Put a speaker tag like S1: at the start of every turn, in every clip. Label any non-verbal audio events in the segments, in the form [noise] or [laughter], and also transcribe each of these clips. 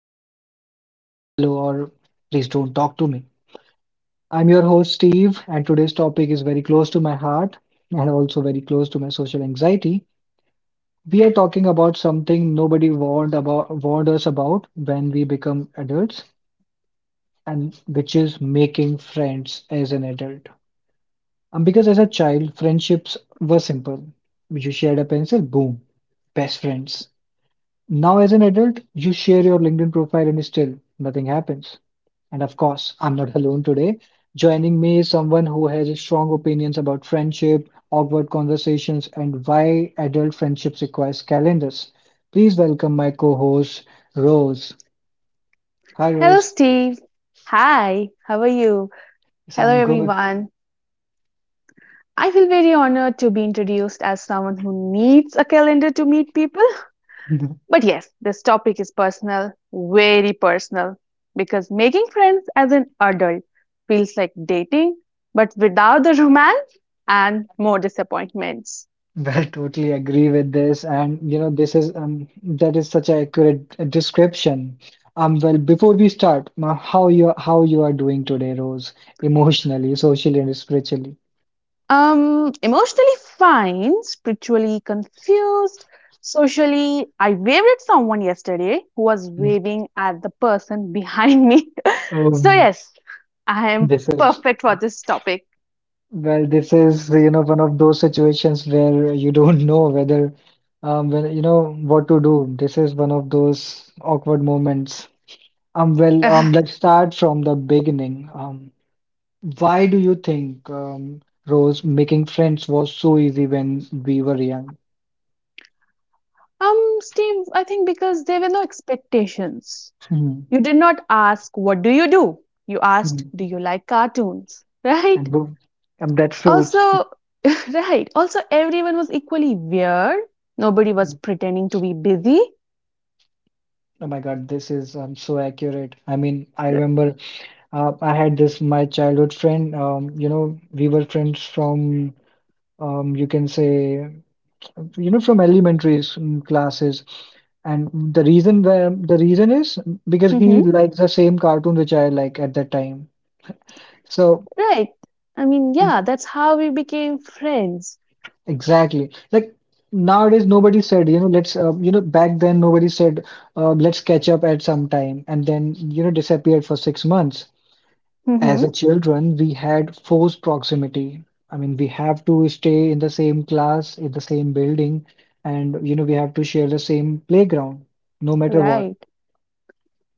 S1: sure if that means hello or please don't talk to me. I'm your host, Steve, and today's topic is very close to my heart and also very close to my social anxiety. We are talking about something nobody warned us about when we become adults, and which is making friends as an adult. Because as a child, friendships were simple. You shared a pencil, boom, best friends. Now, as an adult, you share your LinkedIn profile and still nothing happens. And of course, I'm not alone today. Joining me is someone who has strong opinions about friendship, awkward conversations, and why adult friendships requires calendars. Please welcome my co-host, Rose. Hi,
S2: Hello,
S1: Rose.
S2: Steve. Hi, how are you?
S1: Yes,
S2: Hello,
S1: I'm good.
S2: everyone. I feel very honored to be introduced as someone who needs a calendar to meet people.
S1: [laughs]
S2: But yes, this topic is personal, very personal, because making friends as an adult feels like dating, but without the romance and more disappointments.
S1: Well, totally agree with this, and you know, this is that is such an accurate description. Well, before we start, ma, how you are doing today, Rose, emotionally, socially, and spiritually?
S2: Emotionally fine, spiritually confused, socially, I waved at someone yesterday who was
S1: Mm,
S2: waving at the person behind me. [laughs] So,
S1: Um,
S2: yes, I am
S1: this is
S2: perfect for this topic.
S1: well, this is you know one of those situations where you don't know whether when you know what to do. This is one of those awkward moments.
S2: [sighs]
S1: Well,
S2: Ugh.
S1: let's start from the beginning. Why do you think, Rose, making friends was so easy when we were young?
S2: Steve, I think because there were no expectations.
S1: Hmm,
S2: You did not ask, what do? You asked,
S1: hmm.
S2: do you like cartoons? Right?
S1: And, boom. And that's true.
S2: Also, [laughs] right. Also, everyone was equally weird. Nobody was
S1: Hmm.
S2: pretending to be busy.
S1: Oh my God, this is so accurate. I mean, I remember I had this my childhood friend. You know, we were friends from you can say, you know, from classes. And the reason is because he
S2: Mhm.
S1: likes the same cartoon which I like at that time. So.
S2: Right. I mean, yeah, that's how we became friends.
S1: Exactly. Like nowadays, nobody said, you know, back then nobody said, let's catch up at some time and then, you know, disappeared for 6 months. As
S2: Mm-hmm.
S1: a children, we had forced proximity. I mean, we have to stay in the same class, in the same building, and, you know, we have to share the same playground, no matter what.
S2: Right.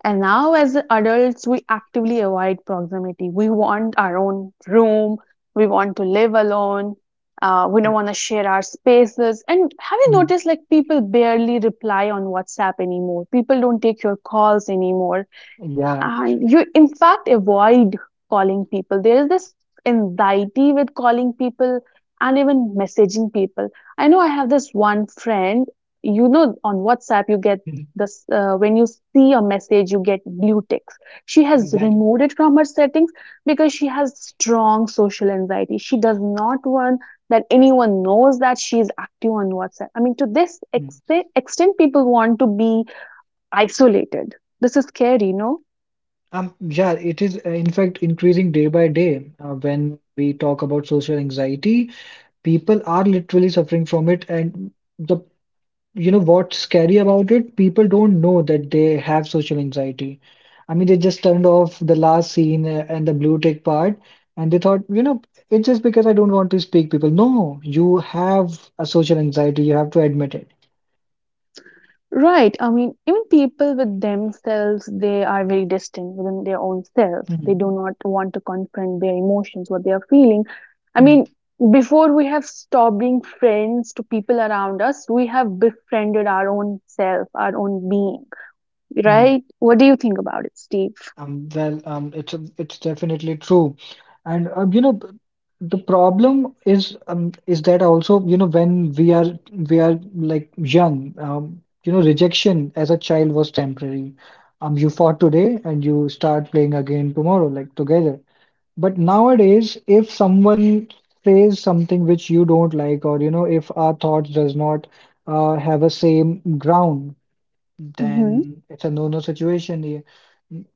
S2: And now, as adults, we actively avoid proximity. We want our own room. We want to live alone. We don't want to share our spaces. And have you
S1: Mhm.
S2: noticed, like, people barely reply on WhatsApp anymore? People don't take your calls anymore.
S1: Yeah.
S2: And you in fact avoid calling people. There is this anxiety with calling people and even messaging people. I know I have this one friend, you know, on WhatsApp you get
S1: Mhm.
S2: this when you see a message you get blue ticks. She has
S1: Exactly.
S2: removed it from her settings because she has strong social anxiety. She does not want that anyone knows that she is active on WhatsApp. I mean, to this
S1: Mm.
S2: extent people want to be isolated. This is scary, no?
S1: Yeah, it is in fact increasing day by day when we talk about social anxiety. People are literally suffering from it, and the you know what's scary about it? People don't know that they have social anxiety. I mean, they just turned off the last scene and the blue tick part, and they thought, you know, it's just because I don't want to speak people. No, you have a social anxiety. You have to admit it.
S2: Right. I mean, even people with themselves, they are very distant within their own self. They
S1: Hmm.
S2: do not want to confront their emotions, what they are feeling. I mean, before we have stopped being friends to people around us, we have befriended our own self, our own being,
S1: Hmm.
S2: right? What do you think about it, Steve?
S1: Well, it's a, it's definitely true, and you know the problem is that also you know when we are like young, you know rejection as a child was temporary. You fought today and you start playing again tomorrow, like together. But nowadays, if someone says something which you don't like, or you know if our thoughts does not have a same ground,
S2: Hmm.
S1: then it's a no-no situation. Yeah.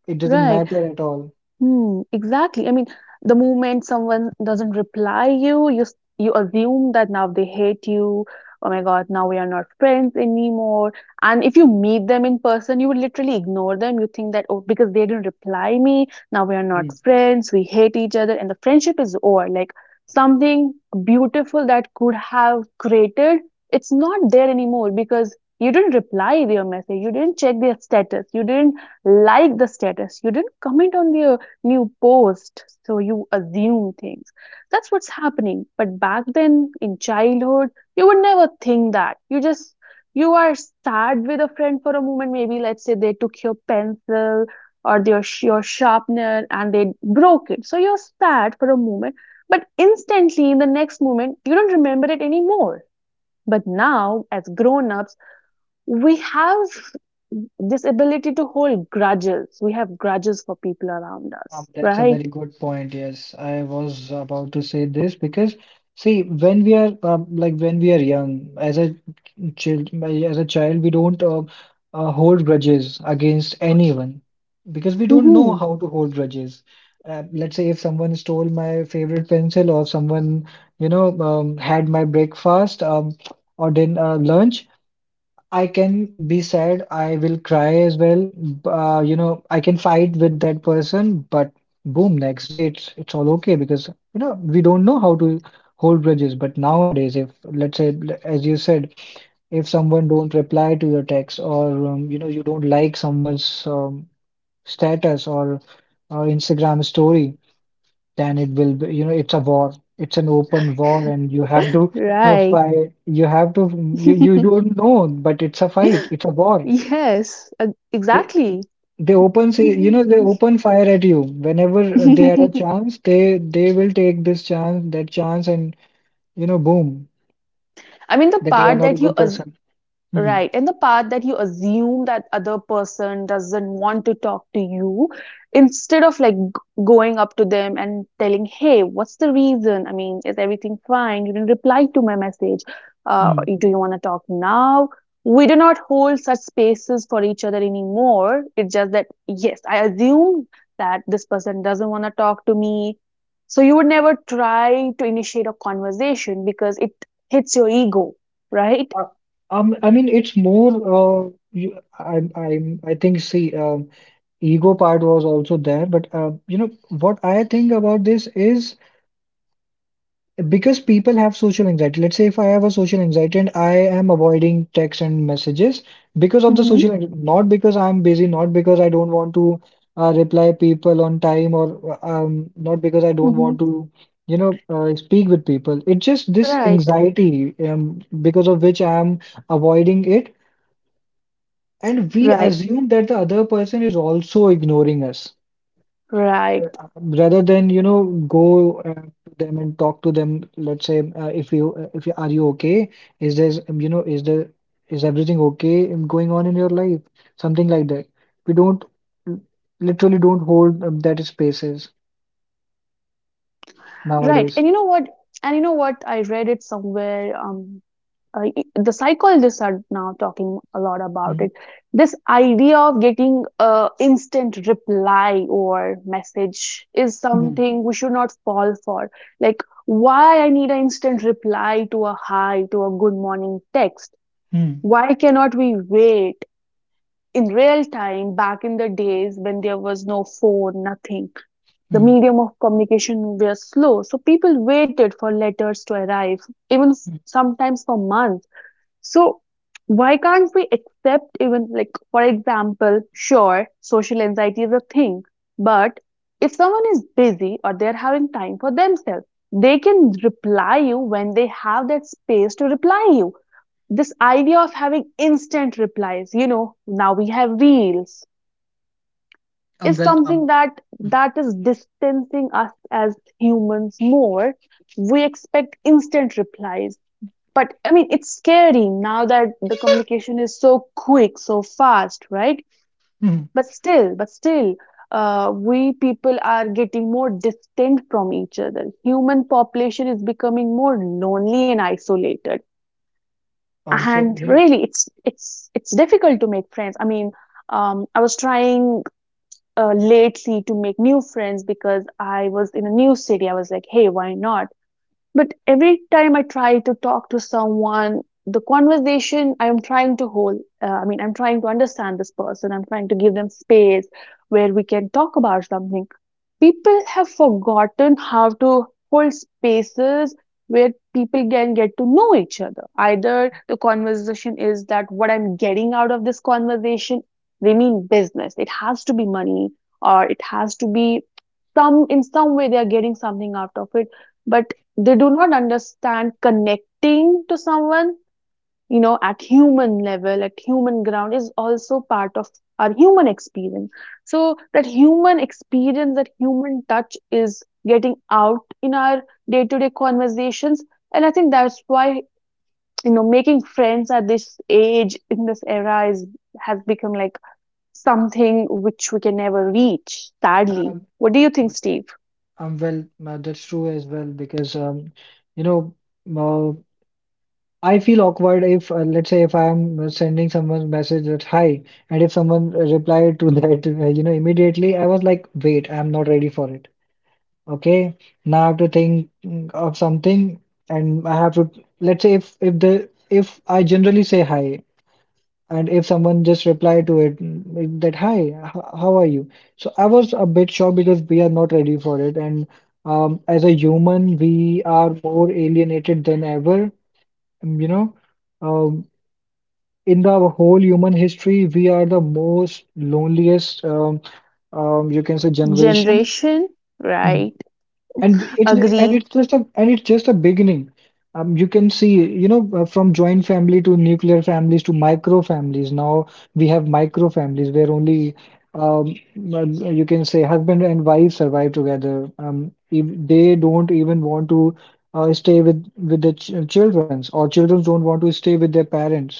S1: It doesn't
S2: Right.
S1: matter at all.
S2: Hmm, exactly. I mean, the moment someone doesn't reply you, you assume that now they hate you. Oh my God, now we are not friends anymore. And if you meet them in person, you would literally ignore them. You think that, oh, because they didn't reply me, now we are not
S1: Mm.
S2: friends. We hate each other, and the friendship is over. Like something beautiful that could have created, it's not there anymore because you didn't reply their message. You didn't check their status. You didn't like the status. You didn't comment on their new post, so you assume things. That's what's happening. But back then in childhood, you would never think that. You just you are sad with a friend for a moment. Maybe let's say they took your pencil or your sharpener and they broke it, so you're sad for a moment, but instantly in the next moment you don't remember it anymore. But now as grown-ups, we have this ability to hold grudges. We have grudges for people around us,
S1: That's a
S2: right?
S1: very good point. Yes, I was about to say this because see, when we are like when we are young, as a child, we don't hold grudges against anyone because we don't know
S2: Mhm.
S1: how to hold grudges. Let's say if someone stole my favorite pencil or someone, you know, had my breakfast or then lunch. I can be sad, I will cry as well. You know, I can fight with that person, but boom, next day it's all okay because you know we don't know how to hold bridges. But nowadays, if as you said, if someone don't reply to your text or you know you don't like someone's status or Instagram story, then it will be, you know, it's a war. It's an open war, and you have to
S2: Right.
S1: fight. You have to, you
S2: [laughs]
S1: don't know, but it's a fight. It's a war.
S2: Yes,
S1: They
S2: exactly.
S1: they open,
S2: [laughs]
S1: say, you know, they open fire at you whenever they had a chance. They will take this chance, that chance, and you know, boom,
S2: I mean, the
S1: that you are
S2: part
S1: not a
S2: that you
S1: good
S2: as-
S1: person. Mhm.
S2: right. And the part that you assume that other person doesn't want to talk to you, instead of like going up to them and telling, hey, what's the reason? I mean, is everything fine? You didn't reply to my message. Uh,
S1: Mhm.
S2: do you want to talk now? We do not hold such spaces for each other anymore. It's just that, yes, I assume that this person doesn't want to talk to me. So you would never try to initiate a conversation because it hits your ego, right?
S1: Uh, I mean, it's more. I think. See, ego part was also there, but you know what I think about this is because people have social anxiety. Let's say if I have a social anxiety and I am avoiding texts and messages because of the social anxiety, not because I'm busy, not because I don't want to reply people on time, or not because I don't
S2: Hmm.
S1: want to you know speak with people. It's just this
S2: Right,
S1: anxiety because of which I'm avoiding it, and we
S2: right,
S1: assume that the other person is also ignoring us, uh,
S2: right,
S1: rather than you know go to them and talk to them. Let's say, if you are you okay, is there you know is there is everything okay going on in your life, something like that. We don't l- literally don't hold that spaces
S2: right.
S1: nowadays.
S2: And you know what? And you know what? I read it somewhere. The psychologists are now talking a lot about
S1: Mm.
S2: it. This idea of getting a instant reply or message is
S1: Mm.
S2: something we should not fall for. Like, why I need an instant reply to a hi, to a good morning text?
S1: Mm.
S2: Why cannot we wait in real time? Back in the days when there was no phone, nothing, the
S1: Mm.
S2: medium of communication were slow, so people waited for letters to arrive, even
S1: Mm.
S2: sometimes for months. So why can't we accept, even like for example, sure, social anxiety is a thing, but if someone is busy or they're having time for themselves, they can reply you when they have that space to reply you. This idea of having instant replies, you know, now we have reels,
S1: I'm
S2: is
S1: well
S2: something that is distancing us as humans more. We expect instant replies. But I mean, it's scary now that the communication is so quick, so fast, right?
S1: mm
S2: But still, we people are getting more distant from each other. Human population is becoming more lonely and isolated.
S1: so
S2: And
S1: you know.
S2: really, it's difficult to make friends. I mean, I was trying lately to make new friends because I was in a new city. I was like, hey, why not? But every time I try to talk to someone, the conversation I am trying to hold, I mean, I'm trying to understand this person, I'm trying to give them space where we can talk about something. People have forgotten how to hold spaces where people can get to know each other. Either the conversation is that what I'm getting out of this conversation, they mean business, it has to be money, or it has to be some, in some way they are getting something out of it. But they do not understand connecting to someone, you know, at human level, at human ground, is also part of our human experience. So that human experience, that human touch is getting out in our day to day conversations. And I think that's why, you know, making friends at this age, in this era, is has become like something which we can never reach, sadly.
S1: um,
S2: What do you think, Steve?
S1: well, that's true as well because you know uh, I feel awkward if, let's say, if I'm sending someone message that hi, and if someone replied to [laughs] that, you know, immediately, I was like, wait, I'm not ready for it. Okay, now I have to think of something, and I have to, let's say, if I generally say hi, and if someone just reply to it like that hi, how are you? So I was a bit shocked because we are not ready for it, and as a human, we are more alienated than ever, you know. Um, in the whole human history, we are the most loneliest, you can say, generation.
S2: Generation,
S1: Mhm.
S2: right?
S1: And it's and
S2: Agree.
S1: it's just a and it's just a beginning. You can see, you know, from joint family to nuclear families to micro families. Now we have micro families where only, um, uh, you can say, husband and wife survive together. If they don't even want to stay with the ch childrens, or children don't want to stay with their parents.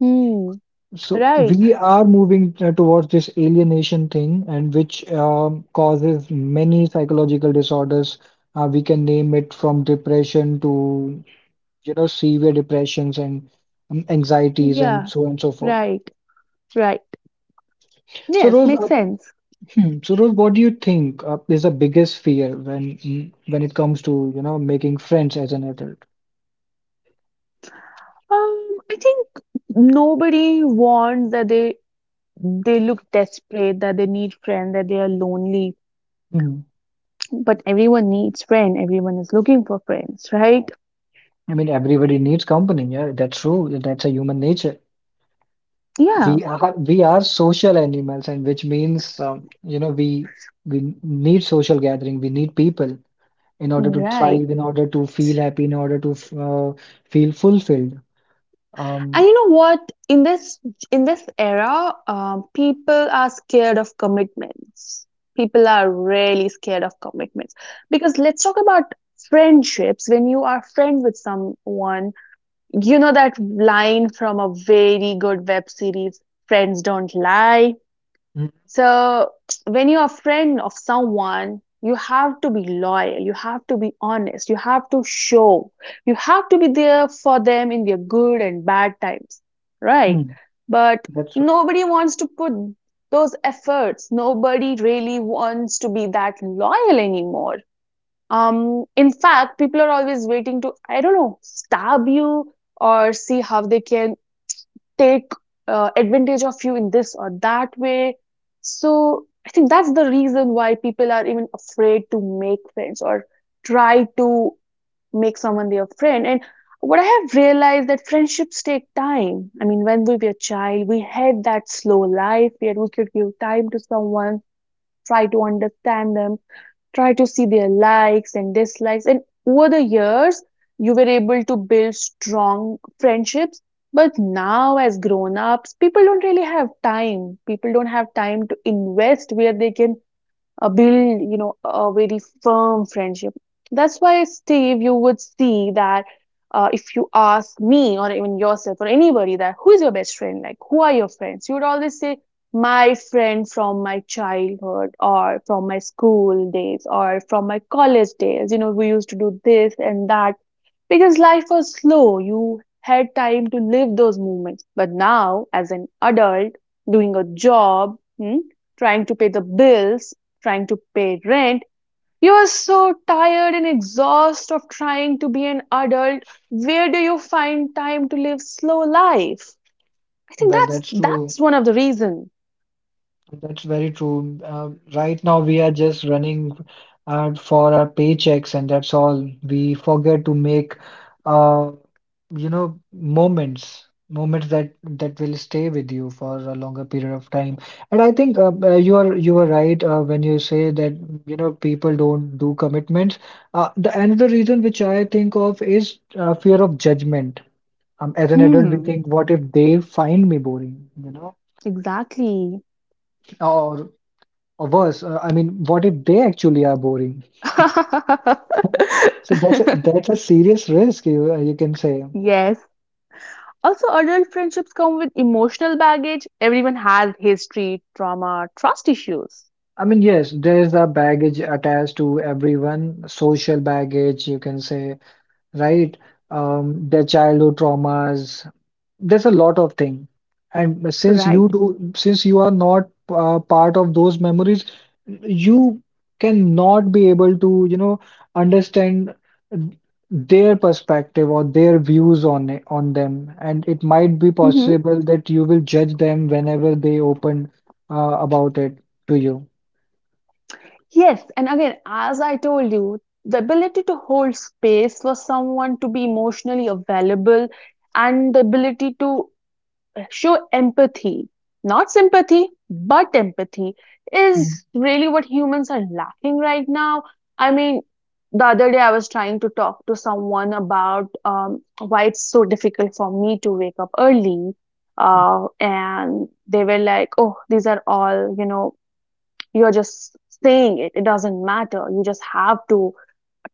S2: Hmm.
S1: So
S2: Right.
S1: we are moving towards this alienation thing, and which causes many psychological disorders. We can name it from depression to, you know, severe depressions and anxieties and
S2: Yeah.
S1: so on and so forth.
S2: Right. Right.
S1: So
S2: Yes,
S1: Rose,
S2: makes sense.
S1: what do you think is the biggest fear when when it comes to, you know, making friends as an adult?
S2: I think nobody wants that they look desperate, that they need friend, that they are lonely.
S1: Hmm.
S2: But everyone needs friend. Everyone is looking for friends, right?
S1: I mean, everybody needs company. Yeah, that's true. That's a human nature.
S2: Yeah.
S1: We are social animals, and which means you know we need social gathering. We need people in order to
S2: Right.
S1: thrive, in order to feel happy, in order to feel fulfilled.
S2: And
S1: Um,
S2: you know what? In this in this era, people are scared of commitments. People are really scared of commitments because let's talk about friendships. When you are friend with someone, you know that line from a very good web series, Friends Don't Lie. So, when you're a friend of someone, you have to be loyal, you have to be honest, you have to show, you have to be there for them in their good and bad times, right?
S1: mhm,
S2: But
S1: that's r-
S2: nobody wants to put those efforts. Nobody really wants to be that loyal anymore. In fact, people are always waiting to, I don't know, stab you or see how they can take advantage of you in this or that way. So I think that's the reason why people are even afraid to make friends or try to make someone their friend. And what I have realized that friendships take time. I mean, when we were a child, we had that slow life where we could give time to someone, try to understand them, try to see their likes and dislikes. And over the years, you were able to build strong friendships. But now, as grown ups, people don't really have time. People don't have time to invest where they can build, you know, a very firm friendship. That's why, Steve, you would see that if you ask me or even yourself or anybody that who is your best friend, like who are your friends, you would always say my friend from my childhood or from my school days or from my college days, you know, we used to do this and that, because life was slow. You had time to live those moments. But now, as an adult, doing a job, hmm, trying to pay the bills, trying to pay rent, you are so tired and exhausted of trying to be an adult. Where do you find time to live slow life? I think
S1: well,
S2: that's
S1: that's true.
S2: that's one of the reasons.
S1: That's very true. Right now, we are just running for our paychecks, and that's all. We forget to make, uh, you know, moments that that will stay with you for a longer period of time. And I think you are right when you say that you know people don't do commitments. The another reason which I think of is fear of judgment. As an adult, we
S2: Hmm,
S1: think, what if they find me boring, you know?
S2: exactly.
S1: or or worse, I mean, what if they actually are boring? So that's a serious risk, you can say.
S2: [laughs] Yes, also, adult friendships come with emotional baggage. Everyone has history, trauma, trust issues.
S1: I mean, yes, there is a baggage attached to everyone, social baggage, you can say, right? Their childhood traumas. There's a lot of thing. And
S2: Right.
S1: since you are not part of those memories, you cannot be able to, you know, understand their perspective or their views on it, on them. And it might be
S2: Hmm.
S1: possible that you will judge them whenever they open about it to you.
S2: Yes. And again, as I told you, the ability to hold space for someone, to be emotionally available, and the ability to show empathy, not sympathy, but empathy,
S1: Mm.
S2: is really what humans are lacking right now. I mean, the other day I was trying to talk to someone about why it's so difficult for me to wake up early. And they were like, oh, these are all, you know, you're just saying it. It doesn't matter. You just have to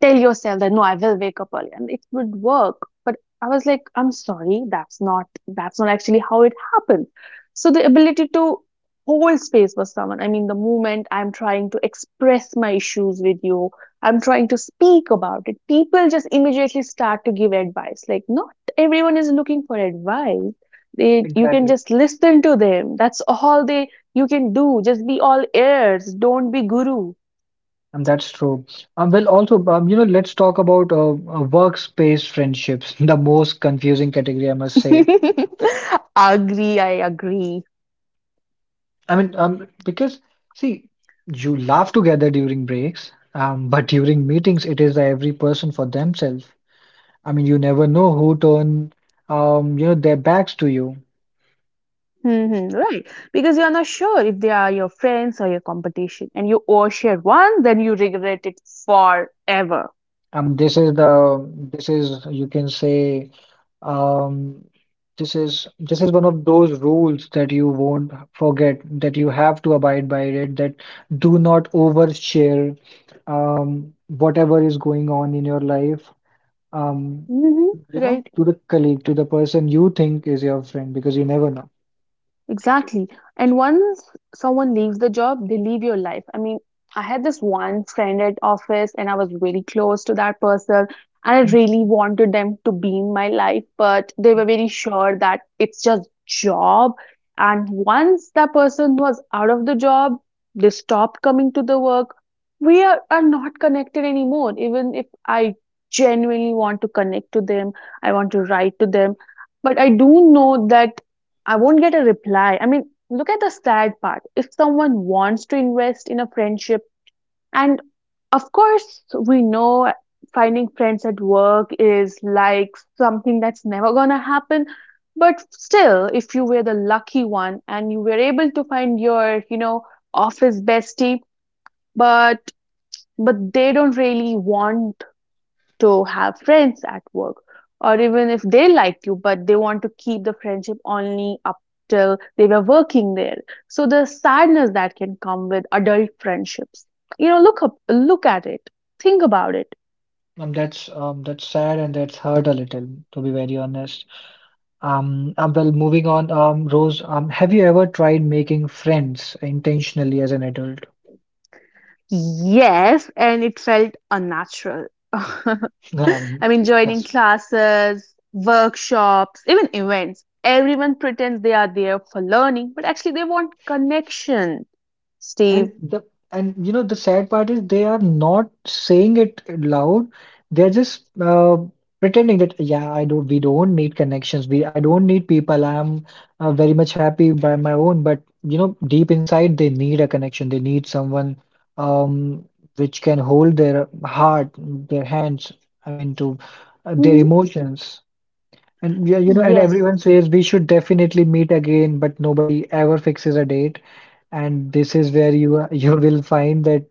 S2: tell yourself that, no, I will wake up early and it would work. But I was like, I'm sorry, that's not actually how it happens. So the ability to hold space for someone. I mean, the moment I'm trying to express my issues with you, I'm trying to speak about it, people just immediately start to give advice. Like, not everyone is looking for advice. They, you can
S1: Exactly.
S2: just listen to them, that's all they you can do. Just be all ears, don't be guru.
S1: That's true. Well, also, you know, let's talk about workspace friendships, [laughs] the most confusing category, I must say.
S2: [laughs] Agree, I agree.
S1: I mean, because see, you laugh together during breaks, but during meetings, it is every person for themselves. I mean, you never know who turn, you know, their backs to you.
S2: Hmm, right. Because you're not sure if they are your friends or your competition, and you overshare one, then you regret it forever.
S1: This is the this is you can say, um, this is one of those rules that you won't forget, that you have to abide by it: that do not overshare whatever is going on in your life, um,
S2: Hmm.
S1: you know,
S2: Right.
S1: to the colleague, to the person you think is your friend, because you never know.
S2: Exactly. And once someone leaves the job, they leave your life. I mean, I had this one friend at office and I was really close to that person, and I
S1: Mhm.
S2: really wanted them to be in my life, but they were very sure that it's just job. And once that person was out of the job, they stopped coming to the work. We are not connected anymore. Even if I genuinely want to connect to them, I want to write to them. But I do know that I won't get a reply. I mean, look at the sad part. If someone wants to invest in a friendship, and of course, we know finding friends at work is like something that's never gonna happen. But still, if you were the lucky one and you were able to find your, you know, office bestie, but they don't really want to have friends at work, or even if they like you but they want to keep the friendship only up till they were working there, so the sadness that can come with adult friendships, you know, look up, look at it, think about it.
S1: That's that's sad, and that's hurt a little, to be very honest. Well, moving on, Rose, have you ever tried making friends intentionally as an adult?
S2: Yes, and it felt unnatural. [laughs]
S1: [laughs]
S2: I
S1: Um,
S2: mean, joining
S1: that's
S2: classes, workshops, even events, everyone pretends they are there for learning, but actually they want connection. Steve.
S1: And the and you know, the sad part is they are not saying it loud. They're just pretending that, yeah, I don't. We don't need connections. We I don't need people. I'm very much happy by my own. But you know, deep inside, they need a connection. They need someone, um, which can hold their heart, their hands. I mean, to their
S2: Mhm.
S1: emotions. And yeah, you know, and
S2: Yes.
S1: everyone says we should definitely meet again, but nobody ever fixes a date. And this is where you [laughs] you will find that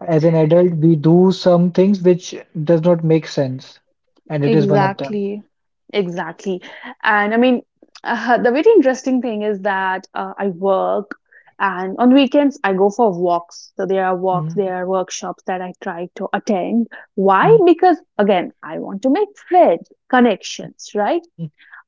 S1: as an adult, we do some things which does not make sense, and it is one of them.
S2: Exactly, exactly. And I mean, the very interesting thing is that I work, and on weekends I go for walks. So there are walks,
S1: Hmm.
S2: there are workshops that I try to attend. Why?
S1: Hmm.
S2: Because again, I want to make friends, connections, right?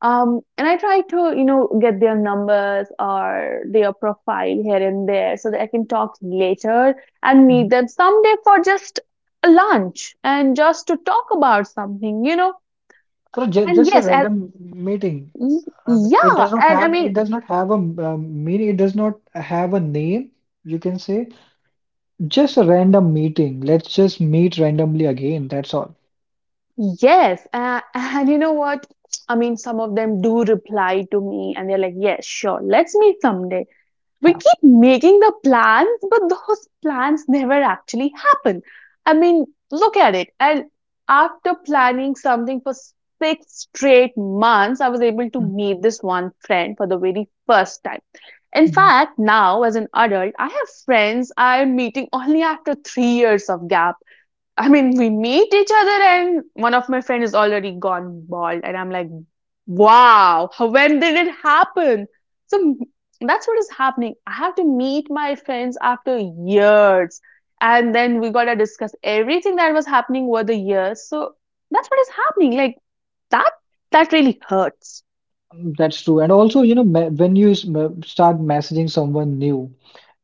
S2: And I try to, you know, get their numbers or their profile here and there so that I can talk later and meet
S1: Hmm.
S2: them someday for just a lunch and just to talk about something, you know.
S1: So ju
S2: And
S1: just a
S2: yes, and
S1: random meeting.
S2: y-
S1: It
S2: yeah,
S1: does not
S2: and I
S1: have
S2: mean,
S1: a meaning. It does not have a name. You can say just a random meeting. Let's just meet randomly again. That's all.
S2: yes, [laughs] and you know what? I mean, some of them do reply to me, and they're like, "Yes, sure, let's meet someday." We
S1: Yeah.
S2: keep making the plans, but those plans never actually happen. I mean, look at it. And after planning something for six straight months, I was able to
S1: Hmm.
S2: meet this one friend for the very first time. In
S1: Hmm.
S2: fact, now as an adult, I have friends I am meeting only after 3 years of gap. I mean, we meet each other, and one of my friends is already gone bald, and I'm like, wow, when did it happen? So m- that's what is happening. I have to meet my friends after years, and then we gotta discuss everything that was happening over the years. So that's what is happening. Like that, that really hurts.
S1: That's true. And also, you know, when you start messaging someone new,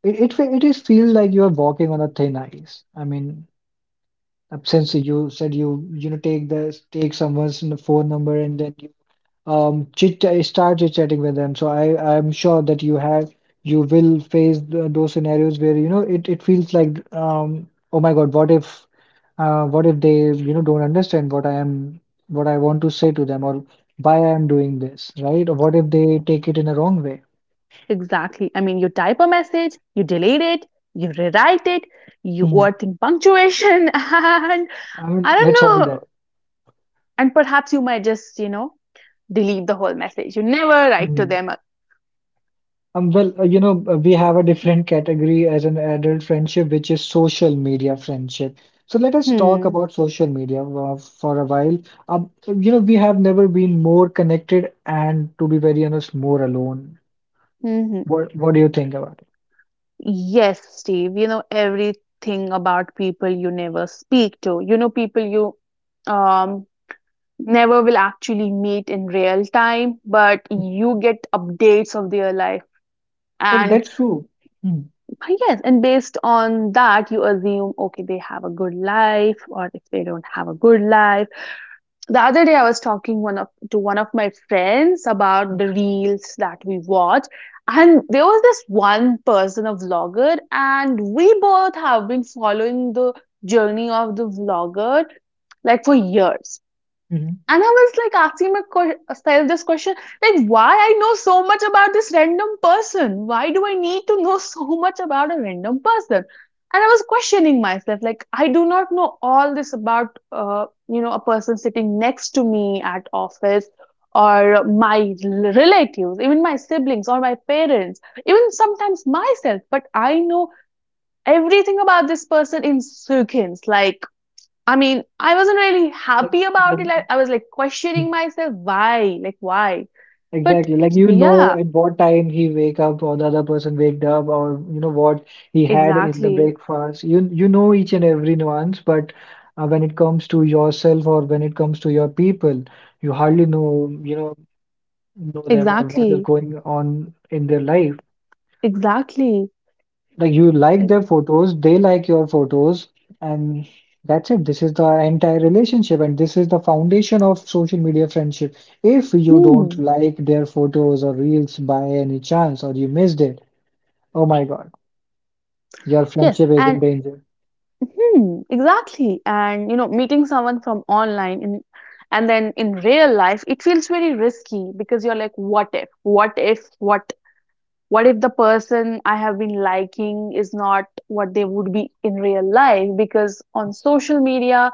S1: it is feel like you are walking on a thin ice. I mean, since you said you you know take the take someone's phone number, and then you chit start chit chatting with them, so I'm sure that you have you will face those scenarios where, you know, it feels like, oh my god, what if, what if they, you know, don't understand what I am what I want to say to them, or why I am doing this, right? Or what if they take it in a wrong way?
S2: Exactly. I mean, you type a message, you delete it, you rewrite it, you
S1: Hmm.
S2: overthink punctuation. [laughs] And
S1: I mean,
S2: I don't
S1: that's all
S2: know.
S1: there.
S2: And perhaps you might just, you know, delete the whole message. You never write to them.
S1: Well, you know, we have a different category as an adult friendship, which is social media friendship. So let us talk
S2: Hmm.
S1: about social media for a while. You know, we have never been more connected and, to be very honest, more alone.
S2: Hmm.
S1: What do you think about
S2: Yes, Steve, you know everything about people you never speak to. You know people you um never will actually meet in real time, but
S1: it?
S2: you get updates of their life.
S1: Like,
S2: And
S1: that's true. Hmm.
S2: yes, and based on that, you assume, okay, they have a good life, or if they don't have a good life, the other day I was talking one of to one of my friends about the reels that we watch, and there was this one person, a vlogger, and we both have been following the journey of the vlogger, like, for years.
S1: Mm-hmm.
S2: And I was like asking myself this question, like, why I know so much about this random person? Why do I need to know so much about a random person? And I was questioning myself, like, I do not know all this about, you know, a person sitting next to me at office or my relatives, even my siblings or my parents, even sometimes myself. But I know everything about this person in seconds, like, I mean, I wasn't really
S1: Like
S2: happy about it.
S1: like.
S2: Like, I was like questioning myself, why? Like, why? But
S1: Exactly. Like, you know,
S2: yeah,
S1: at what time he wake up, or the other person waked up, or you know what he had in the
S2: exactly,
S1: breakfast. You know each and every nuance, but when it comes to yourself, or when it comes to your people, you hardly know, you know them or what is
S2: exactly,
S1: going on in their life.
S2: exactly.
S1: Like, you like their photos, they like your photos, and that's it. This is the entire relationship, and this is the foundation of social media friendship. If you don't
S2: Hmm.
S1: like their photos or reels by any chance, or you missed it, oh my God, your
S2: Yes,
S1: friendship is in
S2: and
S1: danger.
S2: hmm, exactly. And you know, meeting someone from online in, and then in real life, it feels very risky because you're like, what if? What if? What? What if the person I have been liking is not what they would be in real life? Because on social media,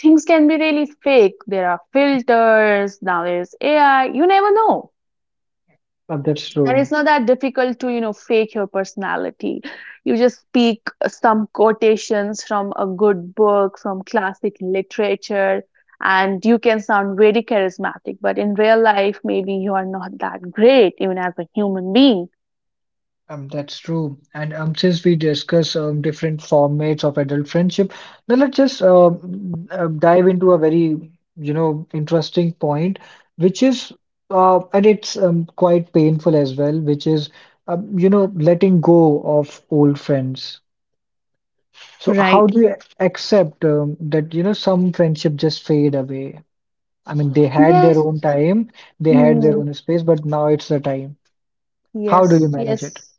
S2: things can be really fake. There are filters, now there's AI, you never know.
S1: But that's
S2: And it's
S1: true.
S2: not that difficult to, you know, fake your personality. You just speak some quotations from a good book, from classic literature, and you can sound very charismatic. But in real life, maybe you are not that great, even as a human being.
S1: That's true. And since we discuss different formats of adult friendship, now let's just dive into a very, you know, interesting point, which is, and it's quite painful as well, which is, you know, letting go of old friends. So how
S2: Right.
S1: do you accept that, you know, some friendship just fade away? I mean, they had their
S2: Yes.
S1: own time, they had their
S2: Hmm.
S1: own space, but now it's the time. How do you
S2: Yes.
S1: manage it?
S2: Yes.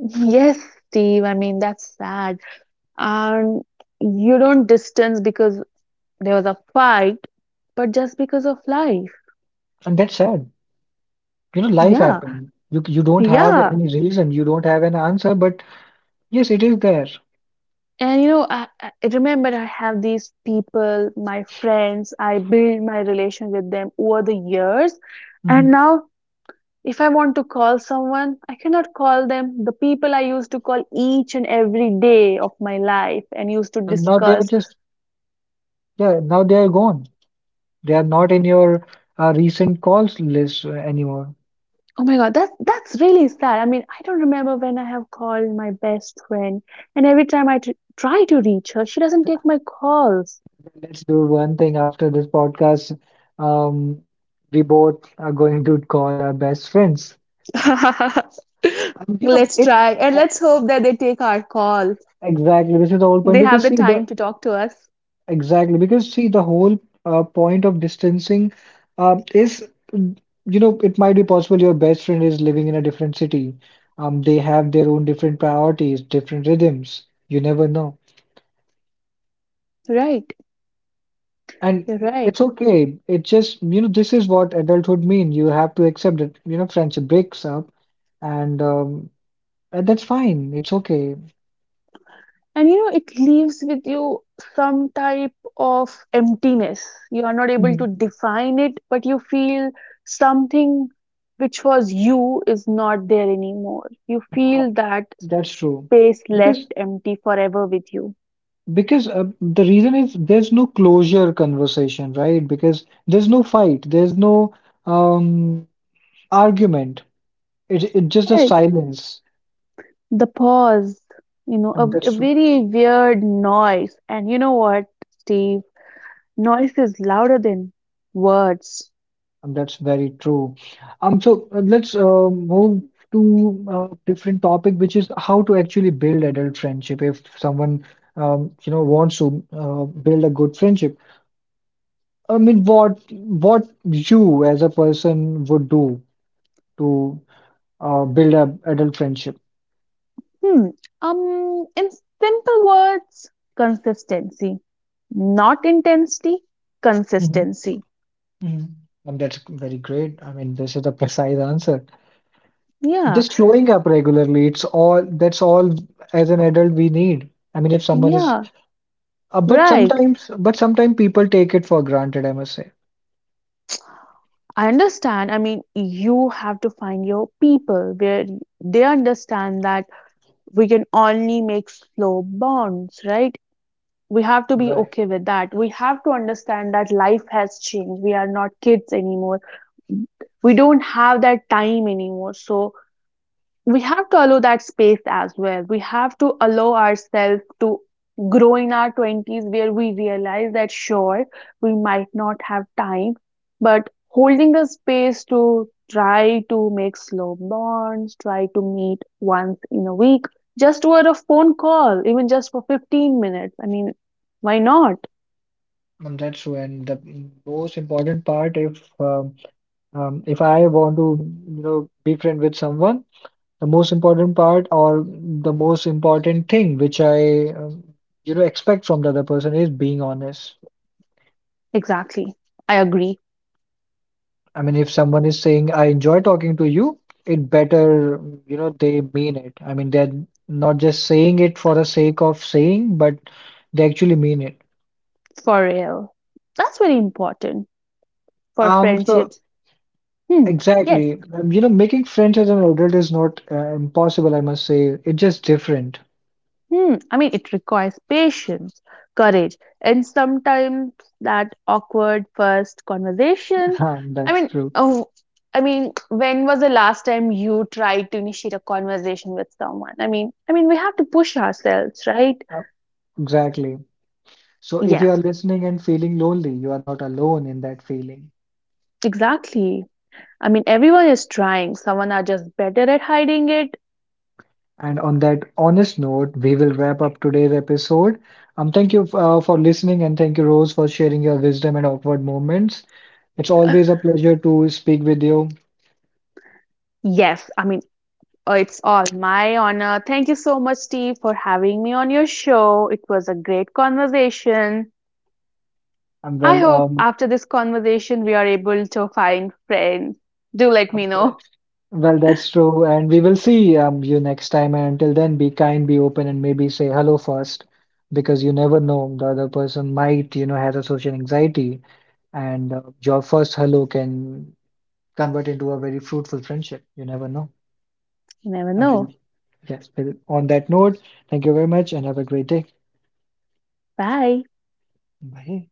S2: Yes, Steve. I mean, that's sad. And you don't distance because there was a fight, but just because of life.
S1: And that's sad. You know, life
S2: Yeah.
S1: happened. You don't have
S2: Yeah.
S1: any reason, you don't have an answer, but yes, it is there.
S2: And you know, I remember I have these people, my friends, I build my relation with them over the years. And
S1: Hmm.
S2: now if I want to call someone, I cannot call them, the people I used to call each and every day of my life and used to
S1: And now they are
S2: discuss.
S1: just, yeah, now they are gone. They are not in your recent calls list, anymore.
S2: Oh my god, that's really sad. I mean, I don't remember when I have called my best friend, and every time I try to reach her, she doesn't take my calls.
S1: Let's do one thing after this podcast. um we both are going to call our best friends.
S2: [laughs]
S1: You know
S2: Let's
S1: it.
S2: try and
S1: Oh,
S2: let's hope that they take our call.
S1: exactly, this is the whole point,
S2: They have
S1: because
S2: the
S1: see the
S2: time to talk to us.
S1: Exactly, because see, the whole point of distancing, is, mm, you know, it might be possible your best friend is living in a different city. They have their own different priorities, different rhythms. You never know.
S2: Right,
S1: And
S2: you're right.
S1: it's okay. It just, you know, this is what adulthood mean. You have to accept it. You know, friendship breaks up, and um, and that's fine. It's okay.
S2: And you know, it leaves with you some type of emptiness. You are not able
S1: Mm.
S2: to define it, but you feel something which was you is not there anymore. You
S1: Uh,
S2: feel that
S1: That's true.
S2: space
S1: Because
S2: left empty forever with you.
S1: The reason is there's no closure conversation, right? Because there's no fight, there's no um, argument. It's just a
S2: Right.
S1: silence.
S2: The pause, you know,
S1: And
S2: a
S1: that's true.
S2: very weird noise. And you know what, Steve? Noise is louder than words.
S1: And that's very true. So let's move to a different topic, which is how to actually build adult friendship. If someone you know wants to build a good friendship, I mean, what you as a person would do to build a adult friendship?
S2: Hmm. In simple words, consistency, not intensity,
S1: Mm-hmm.
S2: consistency.
S1: Mhm. And that's very great. I mean, this is the precise answer.
S2: Yeah,
S1: Just showing up regularly, it's all that's all as an adult we need. I mean, if someone is,
S2: yeah, right.
S1: but sometimes people take it for granted, I must say.
S2: I understand. I mean, you have to find your people where they understand that we can only make slow bonds, right? We have to be
S1: Right.
S2: okay with that. We have to understand that life has changed. We are not kids anymore. We don't have that time anymore. So we have to allow that space as well. We have to allow ourselves to grow in our 20s, where we realize that sure, we might not have time, but holding the space to try to make slow bonds, try to meet once in a week, just over a phone call, even just for 15 minutes. I mean, why not?
S1: That's true. And the most important part, if I want to, you know, be friend with someone, the most important part or the most important thing which I, you know, expect from the other person is being honest.
S2: Exactly. I agree.
S1: I mean, if someone is saying, I enjoy talking to you, it better, you know, they mean it. I mean, they're not just saying it for the sake of saying, but they actually mean it.
S2: For real. That's very important for
S1: So
S2: friendships. Hmm. Yes.
S1: exactly, you know, making friends as an adult is not impossible, I must say. It's just different. [laughs]
S2: Hmm, I mean, it requires patience, courage, and sometimes that awkward first conversation. I
S1: That's
S2: mean,
S1: true.
S2: oh, I mean, when was the last time you tried to initiate a conversation with someone? I mean, we have to push ourselves, right?
S1: Uh, exactly. So if you are
S2: Yes,
S1: listening and feeling lonely, you are not alone in that feeling.
S2: exactly. I mean, everyone is trying. Someone are just better at hiding it.
S1: And on that honest note, we will wrap up today's episode. Thank you for listening, and thank you, Rose, for sharing your wisdom and awkward moments. It's always a
S2: [sighs] [laughs]
S1: pleasure to speak with you.
S2: Yes, I mean, it's all my honor. Thank you so much, Steve, for having me on your show. It was a great conversation.
S1: Um,
S2: I
S1: well,
S2: hope
S1: um,
S2: after this conversation we are able to find friends. Do let
S1: um,
S2: me know.
S1: that's, well, that's true. And we will see you next time. And until then, be kind, be open, and maybe say hello first, because you never know, the other person might, you know, has a social anxiety. And your first hello can convert into a very fruitful friendship. You never know.
S2: You never
S1: Um,
S2: know.
S1: Yes. On that note, thank you very much, and have a great day.
S2: Bye.
S1: Bye.